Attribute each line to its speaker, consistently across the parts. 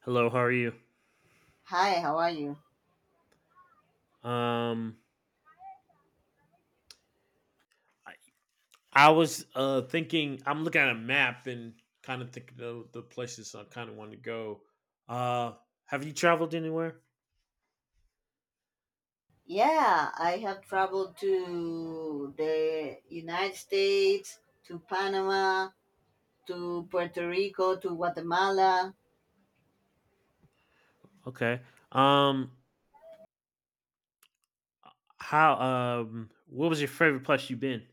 Speaker 1: Hello, how are you?
Speaker 2: Hi, how are you?
Speaker 1: Um, I, I was thinking. I'm looking at a map and kind of thinking of the places I kind of want to go. Uh, have you traveled anywhere?
Speaker 2: Yeah, I have traveled to the United States, to Panama, to Puerto Rico, to Guatemala.
Speaker 1: Okay. Um, how? What was your favorite place you've been?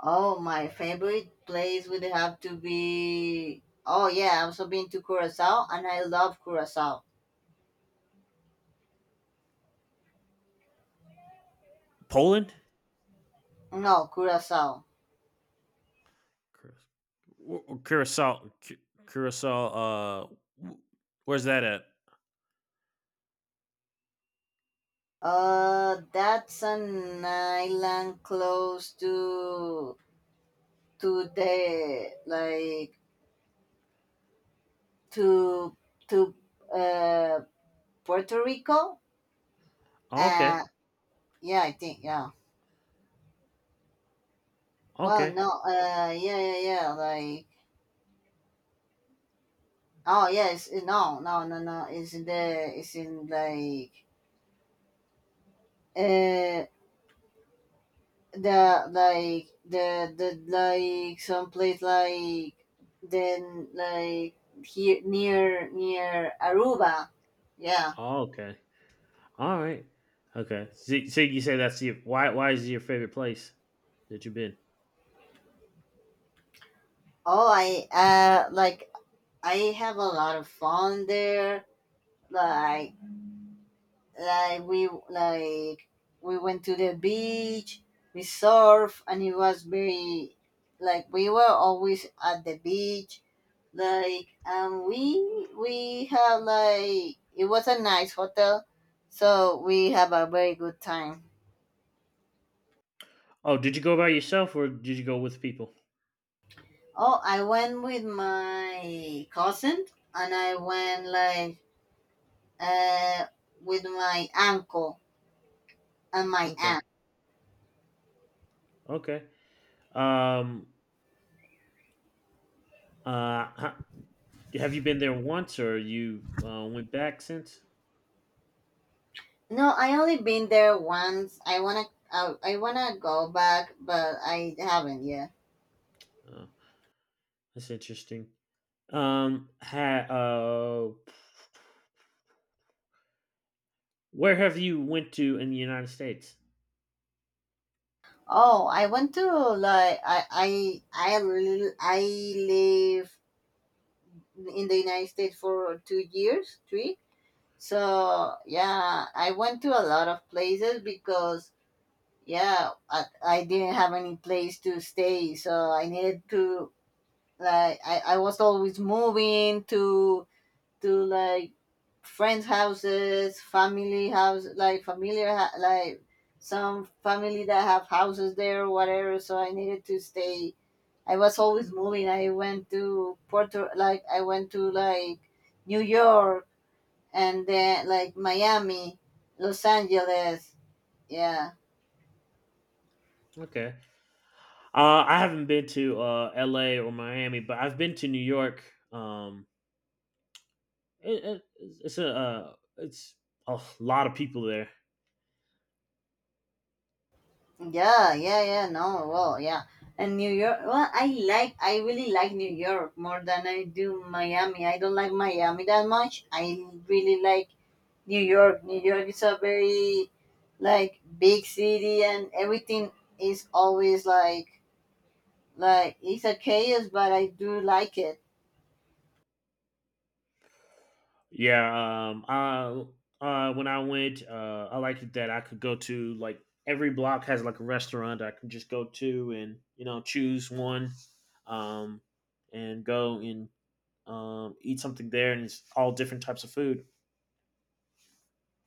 Speaker 2: Oh, my favorite place would have to be. Oh, yeah, I've also been to Curacao and I love Curacao.
Speaker 1: Poland,
Speaker 2: No, Curacao.
Speaker 1: Cura- Curacao, Curacao. W- where's that at?
Speaker 2: That's an island close to the like to to uh Puerto Rico.
Speaker 1: Oh,
Speaker 2: Uh,
Speaker 1: okay.
Speaker 2: yeah, I think yeah. Well,
Speaker 1: Okay.
Speaker 2: no, yeah, yeah, yeah. Oh yes, no, no, no, no. It's in uh, like some place like here near Aruba. Yeah.
Speaker 1: Oh, okay. All right. Okay. So you say that's your why? Why is it your favorite place that you've been?
Speaker 2: Oh, I have a lot of fun there. Like like we like we went to the beach, we surf and it was very we were always at the beach. And we have it was a nice hotel, so we have a very good time.
Speaker 1: Oh, did you go by yourself or did you go with people?
Speaker 2: Oh, I went with my cousin, and I went uh with my uncle and my aunt.
Speaker 1: Okay. Okay. Um uh ha- have you been there once or you went back since?
Speaker 2: No, I only been there once. I wanna go back, but I haven't yet.
Speaker 1: Oh, that's interesting. Ha where have you went to in the United States?
Speaker 2: Oh, I want to like I l- I live in the United States for 2 years, three. So yeah, I went to a lot of places because yeah, I didn't have any place to stay, so I needed to like I was always moving to to like friends' houses, family house, like some family that have houses there whatever. So I needed to stay. I was always moving. I went to Porto, like I went to like New York and then like Miami, Los Angeles. Yeah,
Speaker 1: Okay. I haven't been to LA or Miami, but I've been to New York. Um it's a lot of people there.
Speaker 2: yeah, yeah, yeah. No, well, yeah. And New York, well, I really like New York more than I do Miami. I don't like Miami that much. I really like New York. New York is a very big city, and everything is always like it's a chaos, but I do like it.
Speaker 1: Yeah, when I went I liked it that I could go to like every block has like a restaurant that I can just go to and you know choose one um and go and eat something there and it's all different types of food.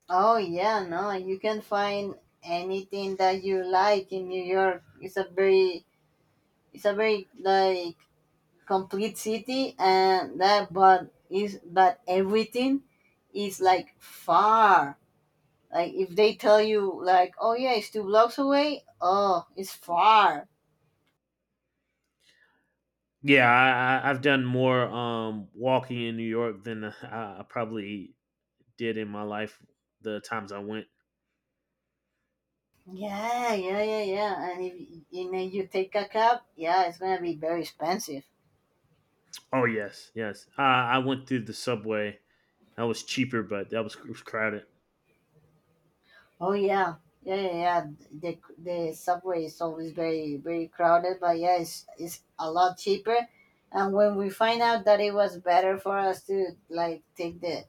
Speaker 2: Oh yeah, no, you can find anything that you like in New York. It's a very like complete city, and that but is but everything is like far. Like if they tell you like, oh yeah, it's two blocks away. Oh, it's far.
Speaker 1: Yeah, I've done more walking in New York than I probably did in my life the times I went.
Speaker 2: Yeah, yeah, yeah, yeah. And if you know you take a cab, yeah, it's gonna be very expensive.
Speaker 1: Oh yes, yes. I went through the subway. That was cheaper, but that was it was crowded.
Speaker 2: Oh yeah, yeah, yeah, yeah. The subway is always very crowded, but yeah, it's a lot cheaper. And when we find out that it was better for us to like take the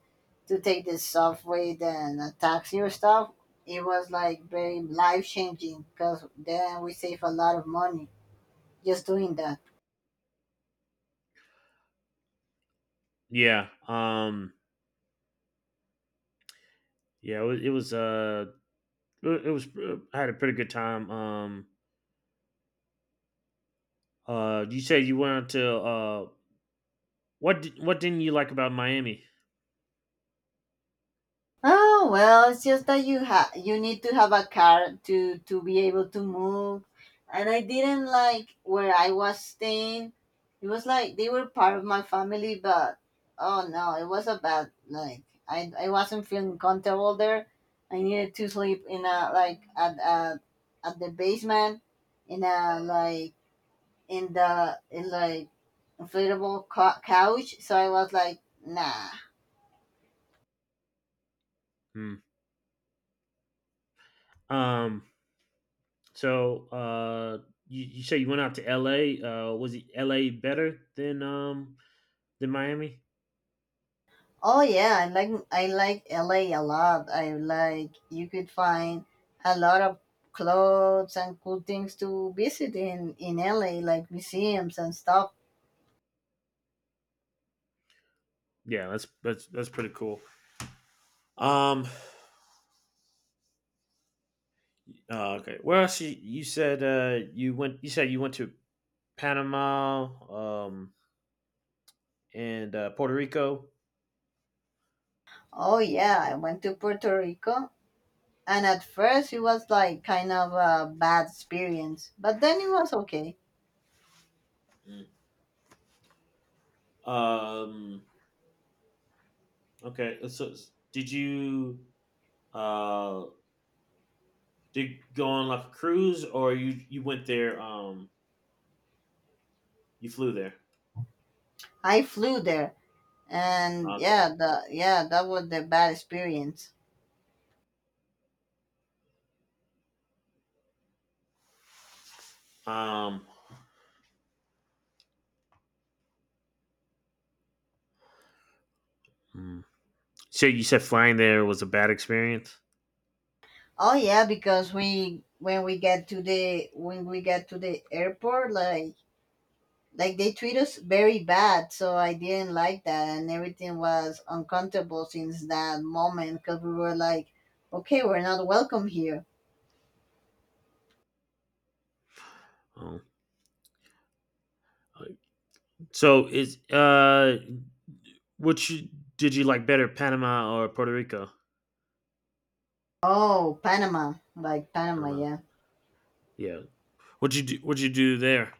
Speaker 2: to take the subway than a taxi or stuff, it was like very life changing because then we save a lot of money just doing that.
Speaker 1: Yeah. Um. Yeah, it was I had a pretty good time. You said you went out to what didn't you like about Miami?
Speaker 2: Oh well, it's just that you need to have a car to be able to move. And I didn't like where I was staying. It was like they were part of my family, but oh no, it was a bad like I wasn't feeling comfortable there. I needed to sleep in a like at the basement in a like in inflatable couch. So I was like, nah.
Speaker 1: Hmm. Um so uh you say you went out to LA. Was it LA better than Miami?
Speaker 2: Oh yeah, I like LA a lot. I like you could find a lot of clothes and cool things to visit in LA, like museums and stuff.
Speaker 1: Yeah, that's pretty cool. Um okay. You said you said you went to Panama and Puerto Rico.
Speaker 2: Oh yeah, I went to Puerto Rico, and at first it was like kind of a bad experience, but then it was okay.
Speaker 1: Mm. Um Okay. So did you uh did you go on like a cruise or you went there you flew there?
Speaker 2: I flew there, and yeah,
Speaker 1: Okay.
Speaker 2: the yeah that was the bad experience.
Speaker 1: Um hmm. So you said flying there was a bad experience?
Speaker 2: Oh yeah, because we when we get to the when we get to the airport, like they treat us very bad, so I didn't like that, and everything was uncomfortable since that moment because we were like, okay, we're not welcome here.
Speaker 1: Oh. uh, So is which did you like better, Panama or Puerto Rico?
Speaker 2: Oh, Panama, Panama,
Speaker 1: Panama.
Speaker 2: yeah.
Speaker 1: Yeah. What'd you do? What'd you do there?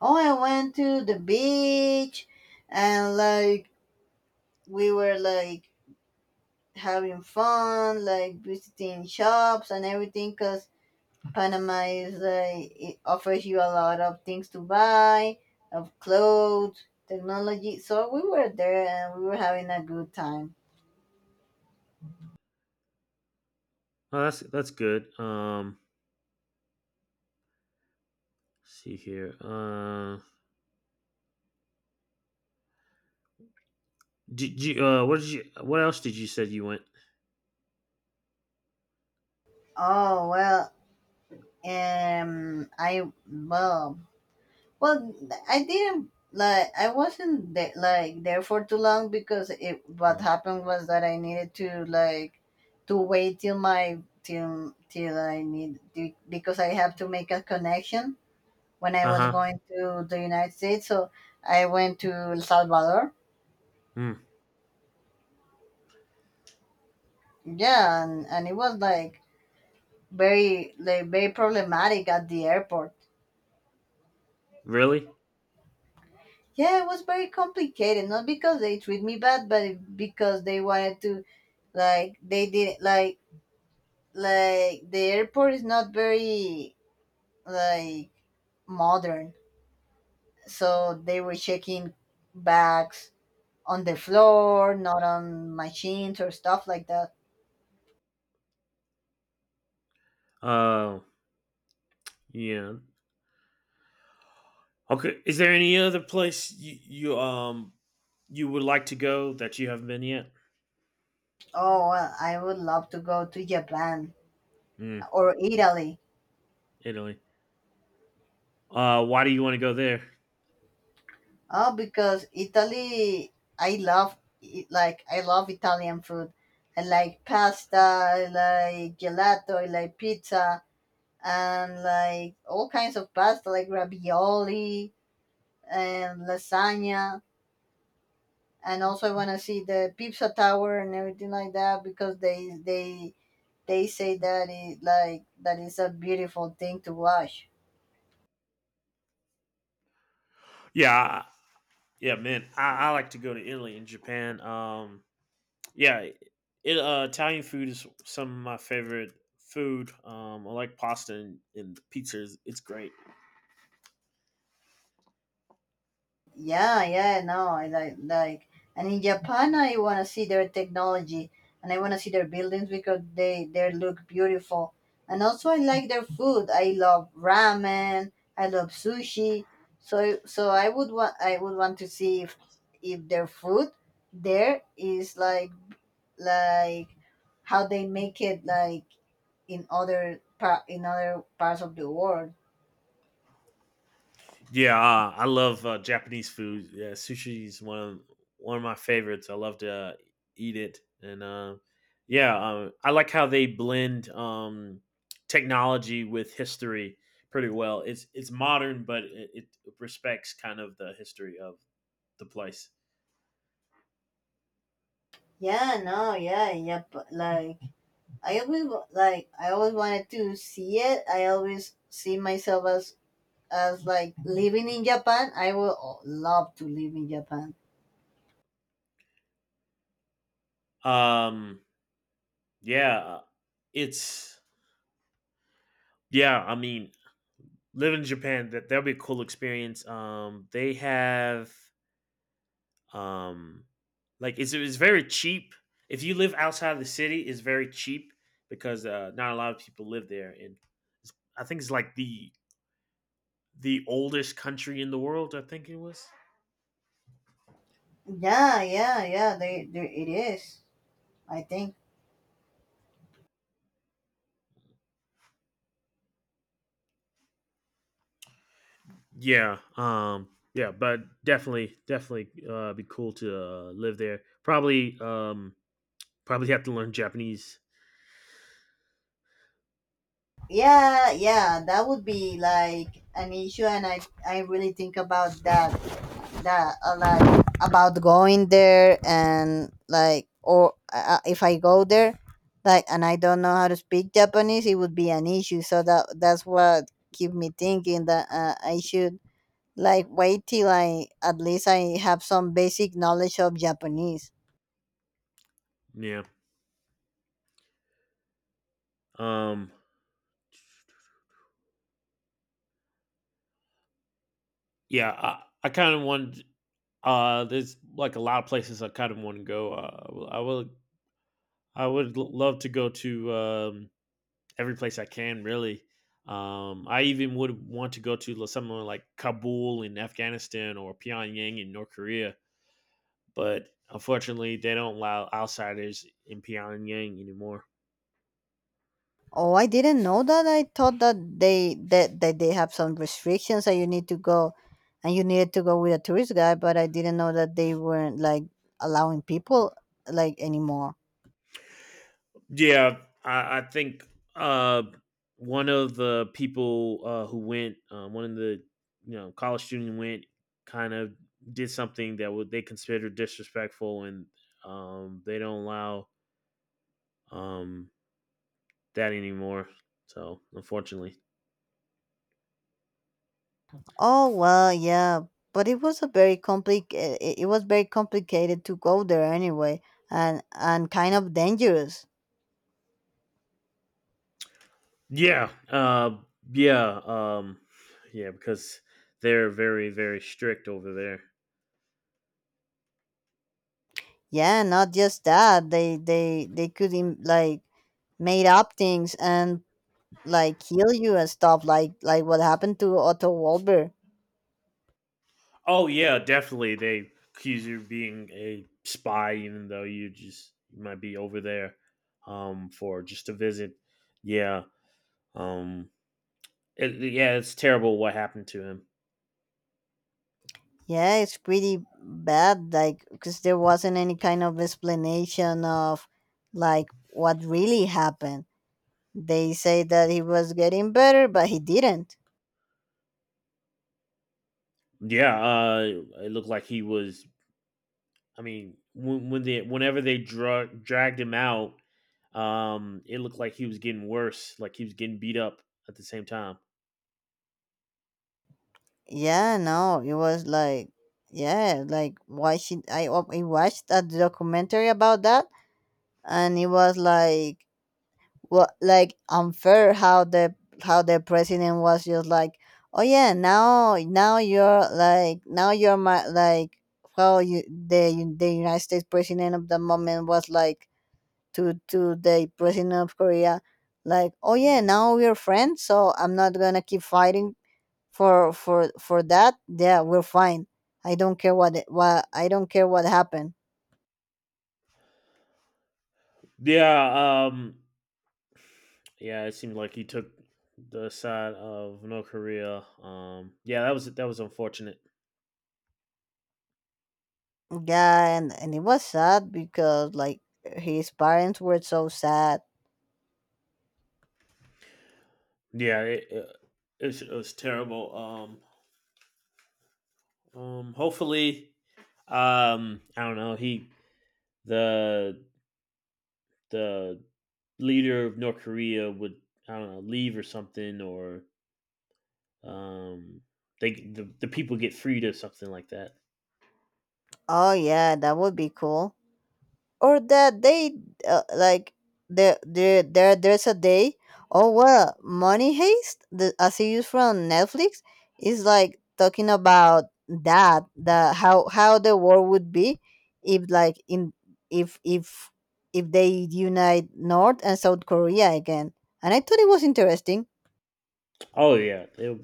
Speaker 2: Oh, I went to the beach, and like we were like having fun, like visiting shops and everything because Panama is it offers you a lot of things to buy, of clothes, technology. So we were there and we were having a good time.
Speaker 1: Oh, that's good. Let's see here. Did you? What did you? What else did you said you went?
Speaker 2: Oh well, um, I well, well, I didn't I wasn't there, like there for too long because it what
Speaker 1: Uh
Speaker 2: happened was that I needed to to wait till my till I need to, because I have to make a connection when I was
Speaker 1: huh.
Speaker 2: going to the United States. So I went to El Salvador.
Speaker 1: Mm,
Speaker 2: Yeah, and it was like very problematic at the airport.
Speaker 1: really?
Speaker 2: Yeah, it was very complicated, not because they treat me bad, but because they wanted to like they did like the airport is not very like modern. So they were checking bags on the floor, not on machines or stuff like that.
Speaker 1: Oh, yeah. Okay. Is there any other place you you would like to go that you haven't been yet?
Speaker 2: Oh well, I would love to go to Japan
Speaker 1: Mm,
Speaker 2: or Italy.
Speaker 1: Italy. Why do you want to go there?
Speaker 2: Oh, because Italy, I love I love Italian food. I like pasta, I like gelato, I like pizza, and like all kinds of pasta, like ravioli and lasagna. And also, I want to see the pizza tower and everything like that because they say that it like that is a beautiful thing to watch.
Speaker 1: Yeah, I, yeah, man. I like to go to Italy and Japan. Yeah, Italian food is some of my favorite food. I like pasta and pizzas. It's great.
Speaker 2: Yeah, yeah, no, and in Japan, I want to see their technology, and I want to see their buildings because they look beautiful, and also I like their food. I love ramen. I love sushi. So I would want to see if their food there is like how they make it like in other parts of the world.
Speaker 1: Yeah, I love Japanese food. Yeah, sushi is one of my favorites. I love to eat it, and yeah, I like how they blend technology with history pretty well. It's modern, but it respects kind of the history of the place.
Speaker 2: Yeah, no, yeah, yeah, like I always wanted to see it. I always see myself as living in Japan. I would love to live in Japan.
Speaker 1: Um, yeah, it's yeah. I mean, live in Japan. That that'll be a cool experience. They have um, like it's very cheap. If you live outside of the city, it's very cheap because not a lot of people live there. And it's, I think it's like the oldest country in the world. I think it was.
Speaker 2: Yeah, yeah, yeah. They it is. I think.
Speaker 1: Yeah. Yeah. But definitely, definitely, be cool to live there. Probably. Probably have to learn Japanese.
Speaker 2: Yeah, yeah. That would be like an issue, and I really think about that that like about going there and like or if I go there and I don't know how to speak Japanese, it would be an issue, so that's what keep me thinking that I should wait till I at least I have some basic knowledge of Japanese.
Speaker 1: Yeah. Um. Yeah, I kind of wanted. There's like a lot of places I kind of want to go. I will. I would love to go to every place I can. Really, I even would want to go to somewhere like Kabul in Afghanistan or Pyongyang in North Korea. But unfortunately, they don't allow outsiders in Pyongyang anymore.
Speaker 2: Oh, I didn't know that. I thought that that they have some restrictions, that you need to go and you needed to go with a tourist guide, but I didn't know that they weren't like allowing people anymore.
Speaker 1: Yeah, I think uh, one of the people one of the you know college student went, kind of did something that would they considered disrespectful, and they don't allow um, that anymore. So unfortunately,
Speaker 2: Oh well, yeah, but it was a very complic. It was very complicated to go there anyway, and kind of dangerous.
Speaker 1: yeah, yeah, yeah, because they're very very strict over there.
Speaker 2: Yeah, not just that they could made up things and kill you and stuff like what happened to Otto Walber.
Speaker 1: Oh yeah, definitely. They accuse you of being a spy, even though you might be over there for just a visit. Yeah, um, it, yeah, it's terrible what happened to him.
Speaker 2: Yeah, it's pretty bad. Like because there wasn't any kind of explanation of like what really happened. They say that he was getting better, but he didn't.
Speaker 1: Yeah, it looked like he was. I mean, when they whenever they dragged him out, it looked like he was getting worse. Like he was getting beat up at the same time.
Speaker 2: Yeah, no, it was like, yeah, like why she? I watched a documentary about that, and it was like, what, like unfair how the president was just like, oh yeah, now you're like now you're my how you the United States president of the moment was like to the president of Korea, like oh yeah, now we're friends, so I'm not gonna keep fighting for that, yeah we're fine. I don't care what happened.
Speaker 1: Yeah, um. Yeah, it seemed like he took the side of North Korea. Yeah, that was unfortunate.
Speaker 2: Yeah, and it was sad because like his parents were so sad.
Speaker 1: Yeah, it was terrible. Hopefully, I don't know. He the the leader of North Korea would, I don't know, leave or something, or um, the people get freed or something like that.
Speaker 2: Oh yeah, that would be cool, or that they uh, like there's a day. Oh well, Money Heist, the a series from Netflix, is like talking about that, the how the world would be if like in if if if they unite North and South Korea again, and I thought it was interesting.
Speaker 1: Oh yeah, they,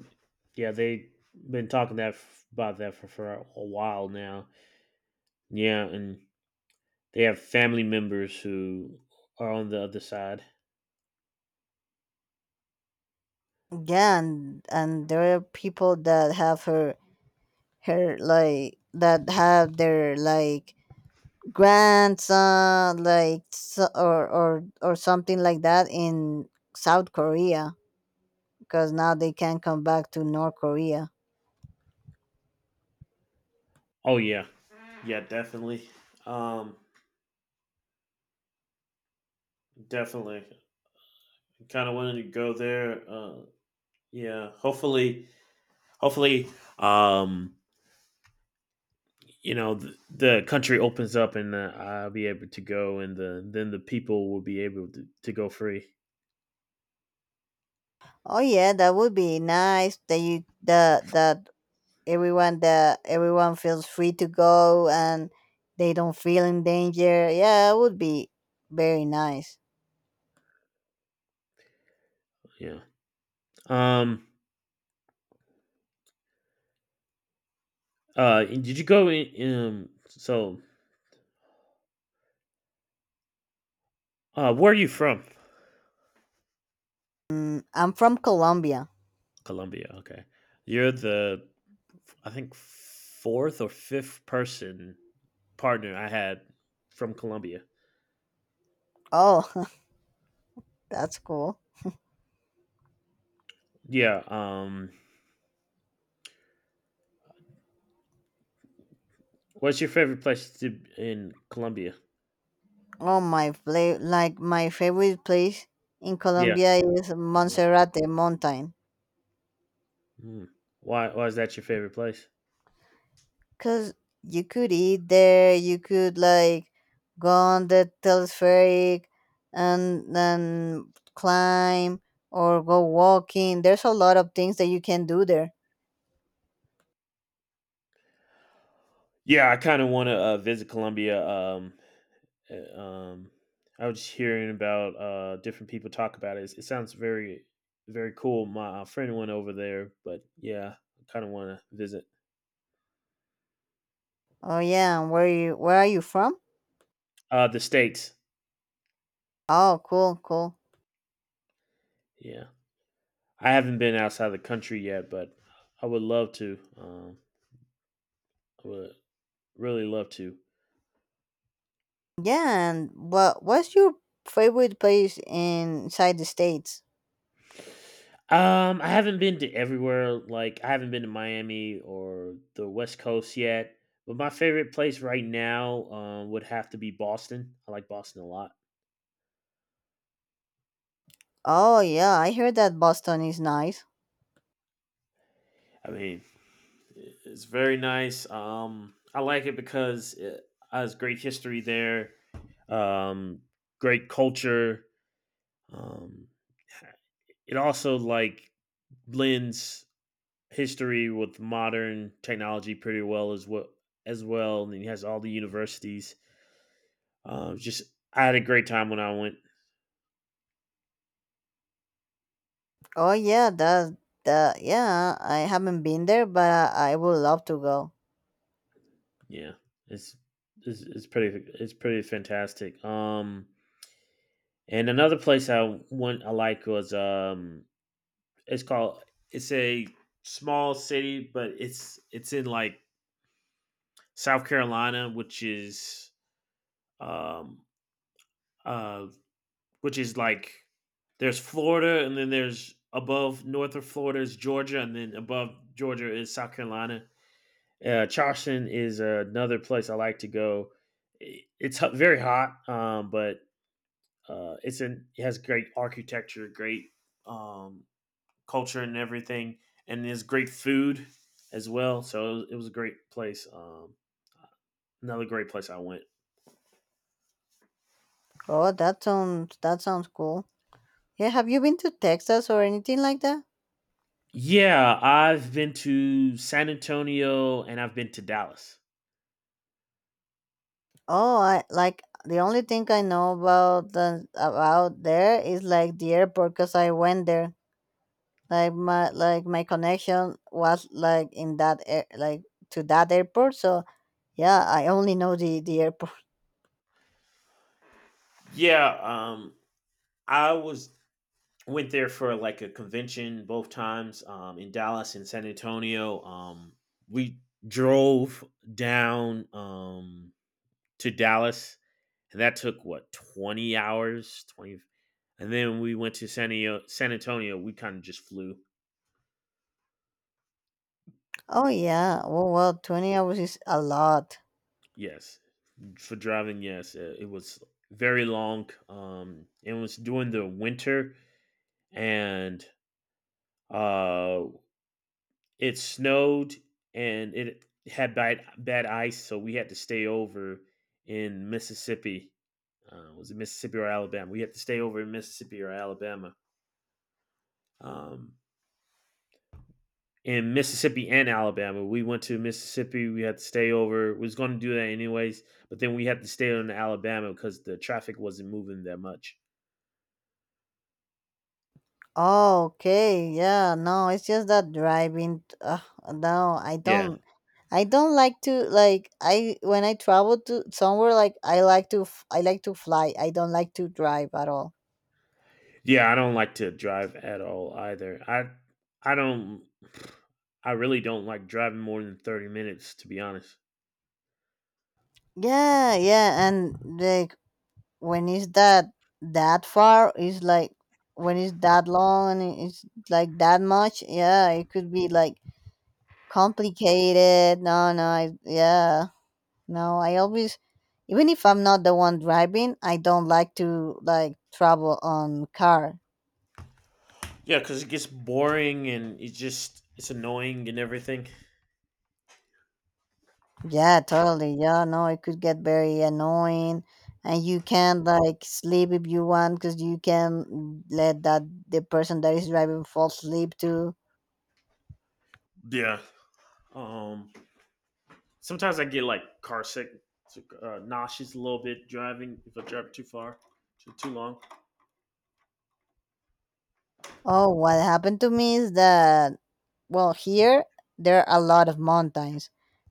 Speaker 1: yeah they've been talking that about that for a while now. Yeah, and they have family members who are on the other side.
Speaker 2: Yeah, and there are people that have her her like that have their grandson or something like that in South Korea, because now they can come back to North Korea.
Speaker 1: Oh yeah, yeah, definitely, um, definitely. Kind of wanted to go there. Yeah, hopefully, hopefully, um, you know, the country opens up and I'll be able to go, and then the people will be able to go free.
Speaker 2: Oh yeah, that would be nice, that you that that everyone, feels free to go and they don't feel in danger. Yeah, it would be very nice.
Speaker 1: Yeah. Um. And did you go in? So, where are you from?
Speaker 2: Mm, I'm from Colombia.
Speaker 1: Colombia. Okay, you're the, I think, fourth or fifth person partner I had from Colombia.
Speaker 2: Oh, that's cool.
Speaker 1: Yeah. What's your favorite place to in Colombia?
Speaker 2: Oh, my play like my favorite place in
Speaker 1: Yeah.
Speaker 2: Colombia is
Speaker 1: Yeah.
Speaker 2: Monserrate Mountain.
Speaker 1: Mm. Why? Why is that your favorite place?
Speaker 2: Cause you could eat there, you could like go on the telespheric and then climb or go walking. There's a lot of things that you can do there.
Speaker 1: Yeah, I kind of want to visit Colombia. Uh, um, I was just hearing about different people talk about it. It sounds very, very cool. My friend went over there, but yeah, I kind of want to visit
Speaker 2: Oh yeah, and where are you from?
Speaker 1: the states.
Speaker 2: Oh cool, cool.
Speaker 1: Yeah, I haven't been outside the country yet, but I would love to. I would really love to.
Speaker 2: Yeah, and what's your favorite place inside the States?
Speaker 1: I haven't been to everywhere. Like I haven't been to Miami or the West Coast yet. But my favorite place right now would have to be Boston. I like Boston a lot.
Speaker 2: Oh yeah, I heard that Boston is nice.
Speaker 1: I mean, it's very nice. I like it because it has great history there, um, great culture. Um, it also like blends history with modern technology pretty well as well. As well, and it has all the universities. Just I had a great time when I went.
Speaker 2: Oh yeah, I haven't been there, but I would love to go.
Speaker 1: Yeah, it's it's pretty, it's pretty fantastic. And another place I went I like was it's called. It's a small city, but it's in like South Carolina, um uh which is like there's Florida, and then there's above north of Florida is Georgia, and then above Georgia is South Carolina. Charleston is another place I like to go. It's very hot, but it's in it has great architecture, great um, culture and everything, and there's great food as well. So it was a great place. Another great place I went.
Speaker 2: Oh, that sounds cool. Yeah, have you been to Texas or anything like that?
Speaker 1: Yeah, I've been to San Antonio and I've been to Dallas.
Speaker 2: Oh, I like the only thing I know about the about there is like the airport because I went there. Like my connection was like in that air, like to that airport. So yeah, I only know the airport.
Speaker 1: Yeah, I was went there for like a convention both times in Dallas and San Antonio. We drove down to Dallas, and that took what 20 hours, 20. And then when we went to San Antonio, we kind of just flew.
Speaker 2: Oh yeah. Well, 20 hours is a lot.
Speaker 1: Yes. For driving, yes. It was very long. It was during the winter and uh, it snowed and it had bad, bad ice. So we had to stay over in Mississippi. Was it Mississippi or Alabama? We had to stay over in Mississippi or Alabama. Um, in Mississippi and Alabama. We went to Mississippi. We had to stay over. We was going to do that anyways, but then we had to stay in Alabama because the traffic wasn't moving that much.
Speaker 2: Oh, okay. Yeah, no, it's just that driving. No, I
Speaker 1: Yeah,
Speaker 2: don't. I don't like to, like, I when I travel to somewhere, like, I like to fly. I don't like to drive at all.
Speaker 1: yeah. I don't like to drive at all either. I don't. I really don't like driving more than 30 minutes, to be honest.
Speaker 2: Yeah, yeah, and like when it's that far, it's like when it's that long and it's like that much. Yeah, it could be like complicated. No, no, I, yeah. No, I always, even if I'm not the one driving, I don't like to like travel on car.
Speaker 1: Yeah, because it gets boring and it just it's annoying and everything.
Speaker 2: Yeah, totally. Yeah, no, it could get very annoying, and you can not like sleep if you want because you can let that the person that is driving fall asleep too.
Speaker 1: Yeah. Um. Sometimes I get like car sick, nauseous a little bit driving if I drive too far, too long.
Speaker 2: Oh, what happened to me is that, well, here there are a lot of mountains,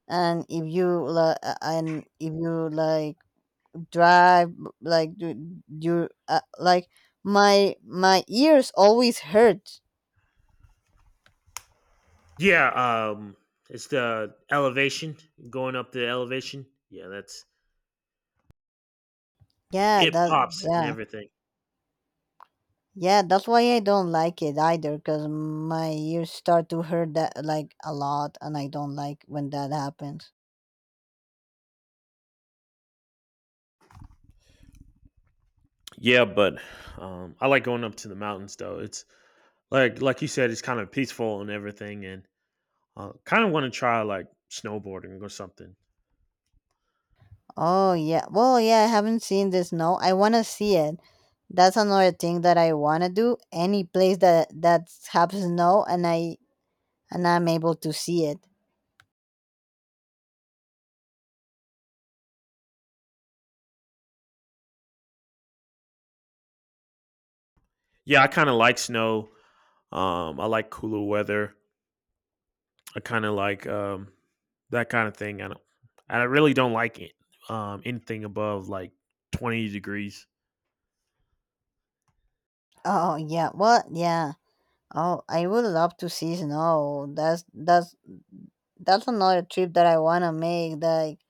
Speaker 2: and if you like, and if you like drive, like, do you, like, my ears always hurt.
Speaker 1: Yeah, it's the elevation going up the elevation. Yeah, that's
Speaker 2: Yeah,
Speaker 1: it
Speaker 2: that,
Speaker 1: pops and
Speaker 2: yeah.
Speaker 1: everything.
Speaker 2: Yeah, that's why I don't like it either, because my ears start to hurt that like a lot and I don't like when that happens.
Speaker 1: Yeah, but I like going up to the mountains though. It's like you said, it's kind of peaceful and everything, and kind of want to try like snowboarding or something.
Speaker 2: Oh yeah, well, yeah, I haven't seen this, no, I want to see it. That's another thing that I want to do, any place that happens, no, and I'm able to see it.
Speaker 1: Yeah, I kind of like snow. I like cooler weather. I kind of like that kind of thing. I don't. I really don't like it. Anything above like 20 degrees.
Speaker 2: Oh yeah, well, yeah. Oh, I would love to see snow. That's that's another trip that I wanna make. Like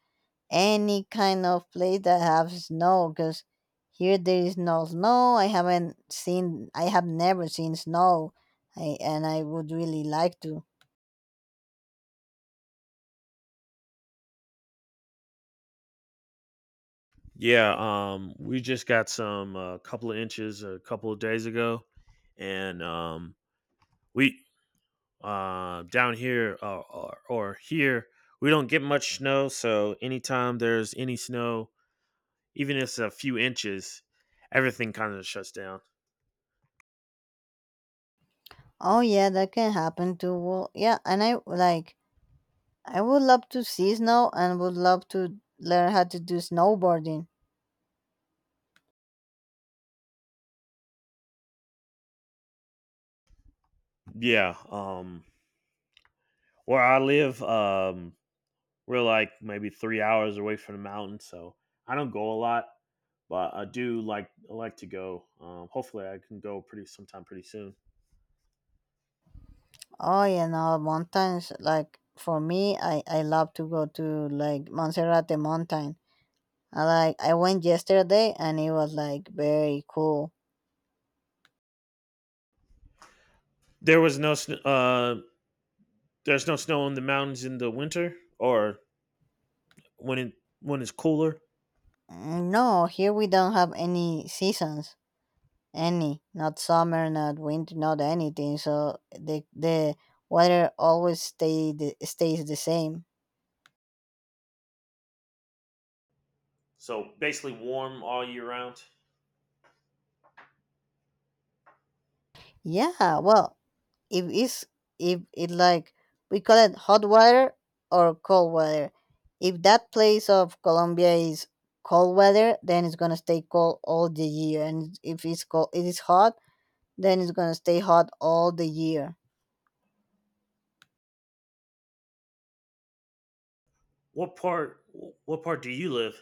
Speaker 2: any kind of place that have snow, because here there is no snow. I haven't seen. I have never seen snow. I would really like to.
Speaker 1: Yeah, we just got some a couple of inches a couple of days ago, and we down here or here we don't get much snow. So anytime there's any snow, even if it's a few inches, everything kind of shuts down.
Speaker 2: Oh yeah, that can happen too. Well, yeah, and I like. I would love to see snow and would love to learn how to do snowboarding.
Speaker 1: Yeah, where I live, we're like maybe 3 hours away from the mountain, so I don't go a lot, but I do like I like to go. Hopefully, I can go pretty sometime pretty soon.
Speaker 2: Oh, mountains, like for me, I love to go to like Montserrat the mountain. I went yesterday and it was like very cool.
Speaker 1: There was no there's no snow in the mountains in the winter or when it when it's cooler.
Speaker 2: Mm, no, here we don't have any seasons, any, not summer, not winter, not anything. So the weather always stay stays the same.
Speaker 1: So basically warm all year round.
Speaker 2: Yeah, well, if it's if it like, we call it hot weather or cold weather. If that place of Colombia is cold weather, then it's gonna stay cold all the year, and if it's cold it is hot, then it's gonna stay hot all the year.
Speaker 1: What part, what part do you live?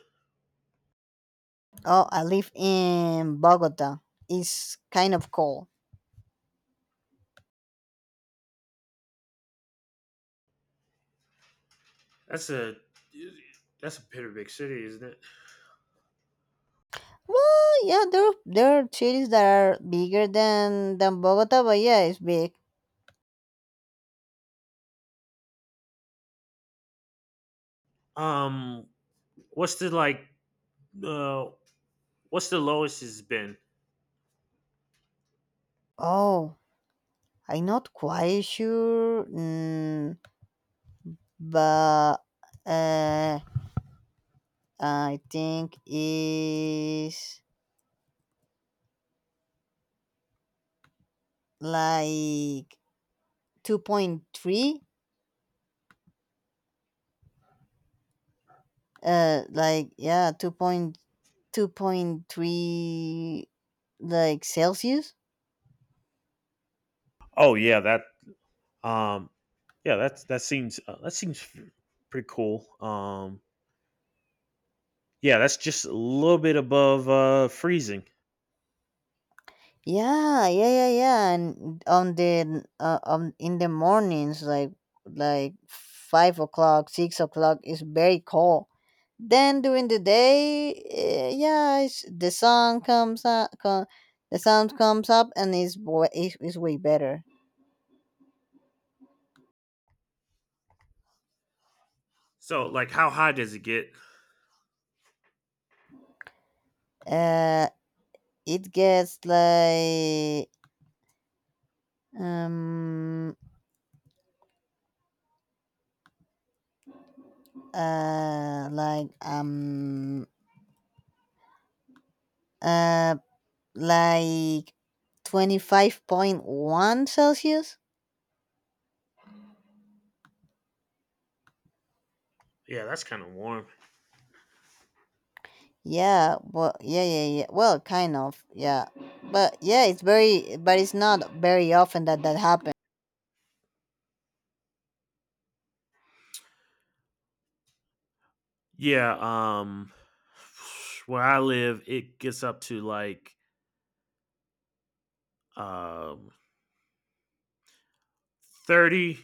Speaker 2: Oh, I live in Bogota. It's kind of cold.
Speaker 1: That's a, that's a pretty big city, isn't it?
Speaker 2: Well, yeah, there are cities that are bigger than Bogota, but yeah, it's big.
Speaker 1: Um what's the like uh what's the lowest it's been?
Speaker 2: Oh, I'm not quite sure. But uh, I think is like 2.3. Like, yeah, two point three, like, Celsius.
Speaker 1: Oh yeah, that um yeah, that seems pretty cool. Yeah, that's just a little bit above freezing.
Speaker 2: Yeah, yeah, yeah, yeah. And on in the mornings, like, 5 o'clock, 6 o'clock is very cold. Then during the day, yeah, the sun comes up, the sound comes up, and is wa- is it's way better.
Speaker 1: So like how high does it get?
Speaker 2: Uh, it gets like, um uh like um uh like 25.1 Celsius.
Speaker 1: Yeah, that's kind of warm.
Speaker 2: Yeah, well, yeah, yeah, yeah. Well, kind of, yeah, but yeah, it's very, but it's not very often that happens.
Speaker 1: Yeah, where I live, it gets up to like um 30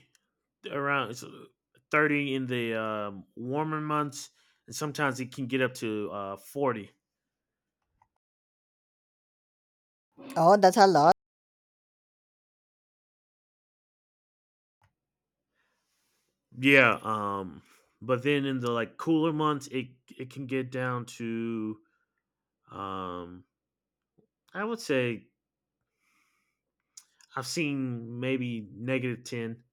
Speaker 1: around it's, 30 in the warmer months, and sometimes it can get up to 40.
Speaker 2: Oh, that's a lot.
Speaker 1: Yeah, but then in the like cooler months, it can get down to um I would say I've seen maybe negative 10.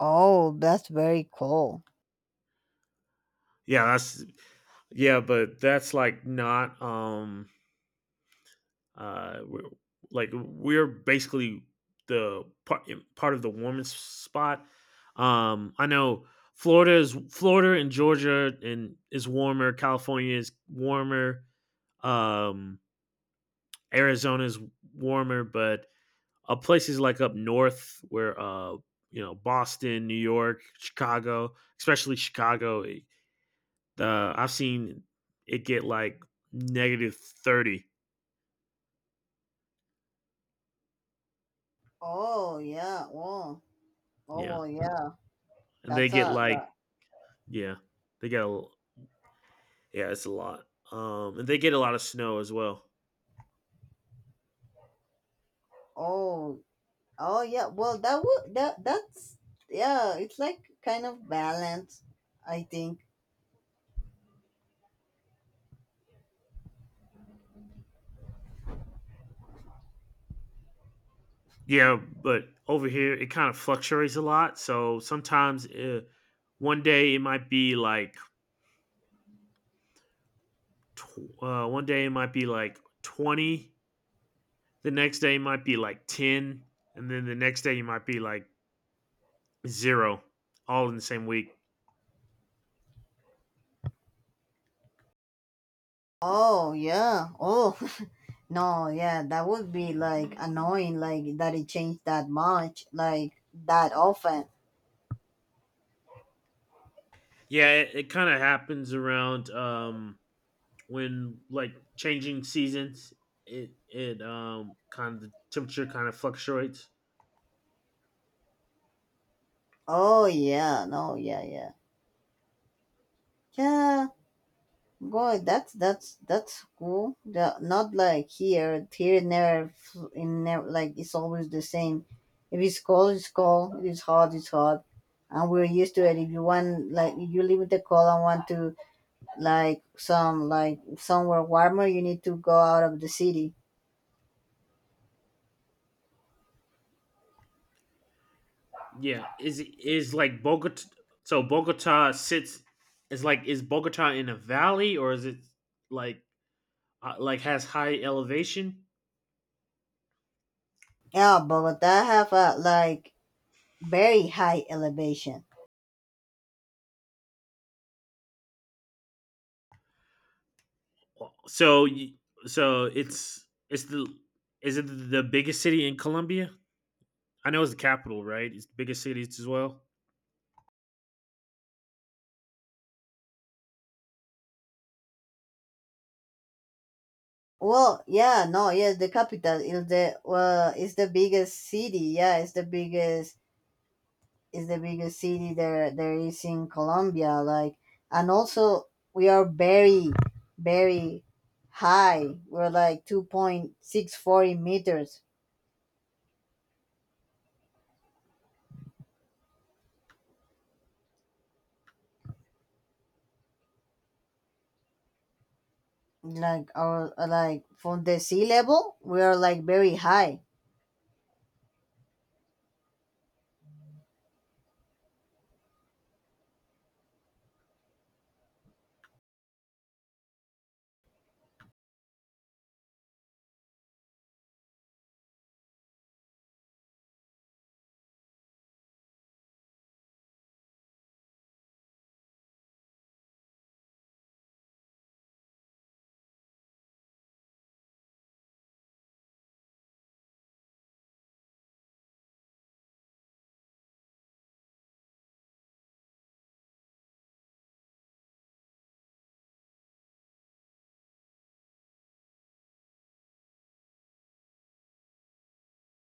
Speaker 2: Oh, that's very cool.
Speaker 1: Yeah, that's yeah, but that's like not we're, like we're basically the part part of the warmest spot. I know Florida is Florida and Georgia and is warmer. California is warmer. Um, Arizona is warmer, but places like up north where you know Boston, New York, Chicago, especially Chicago, I've seen it get like negative 30.
Speaker 2: Oh yeah. Well. Oh,
Speaker 1: Yeah,
Speaker 2: well. Yeah.
Speaker 1: and they
Speaker 2: That's
Speaker 1: get
Speaker 2: a. The,
Speaker 1: like. Yeah. They got a yeah, it's a lot. And they get a lot of snow as well.
Speaker 2: oh. Oh yeah. Well, that would that's yeah. It's like kind of balance, I think.
Speaker 1: Yeah, but over here it kind of fluctuates a lot. So sometimes one day it might be like one day it might be like 20. The next day it might be like ten, and then the next day you might be like zero, all in the same week.
Speaker 2: Oh yeah. Oh. No. Yeah, that would be like annoying, like that it changed that much, like that often.
Speaker 1: Yeah, it kind of happens around when like changing seasons it it kind of the temperature kind of fluctuates.
Speaker 2: Oh yeah. No. Yeah. Yeah. Yeah. God, that's that's cool. The, not like here. Here never, f- in never, like, it's always the same. If it's cold, it's cold. If it's hot, it's hot, and we're used to it. If you want, like, if you live in the cold and want to somewhere warmer, you need to go out of the city.
Speaker 1: Yeah, is like Bogota, so Bogota sits, is like, is Bogota in a valley or is it like like has high elevation.
Speaker 2: Yeah, Bogota have a like very high elevation.
Speaker 1: so y- so it's the, is it the biggest city in Colombia? I know it's the capital, right? It's the biggest city as well.
Speaker 2: Well, yeah, no, yes, the capital is the well, it's the biggest city. Yeah, it's the biggest city there is in Colombia. Like, and also we are very, very high. We're like 2,640 meters. Like, our like from the sea level, we are like very high.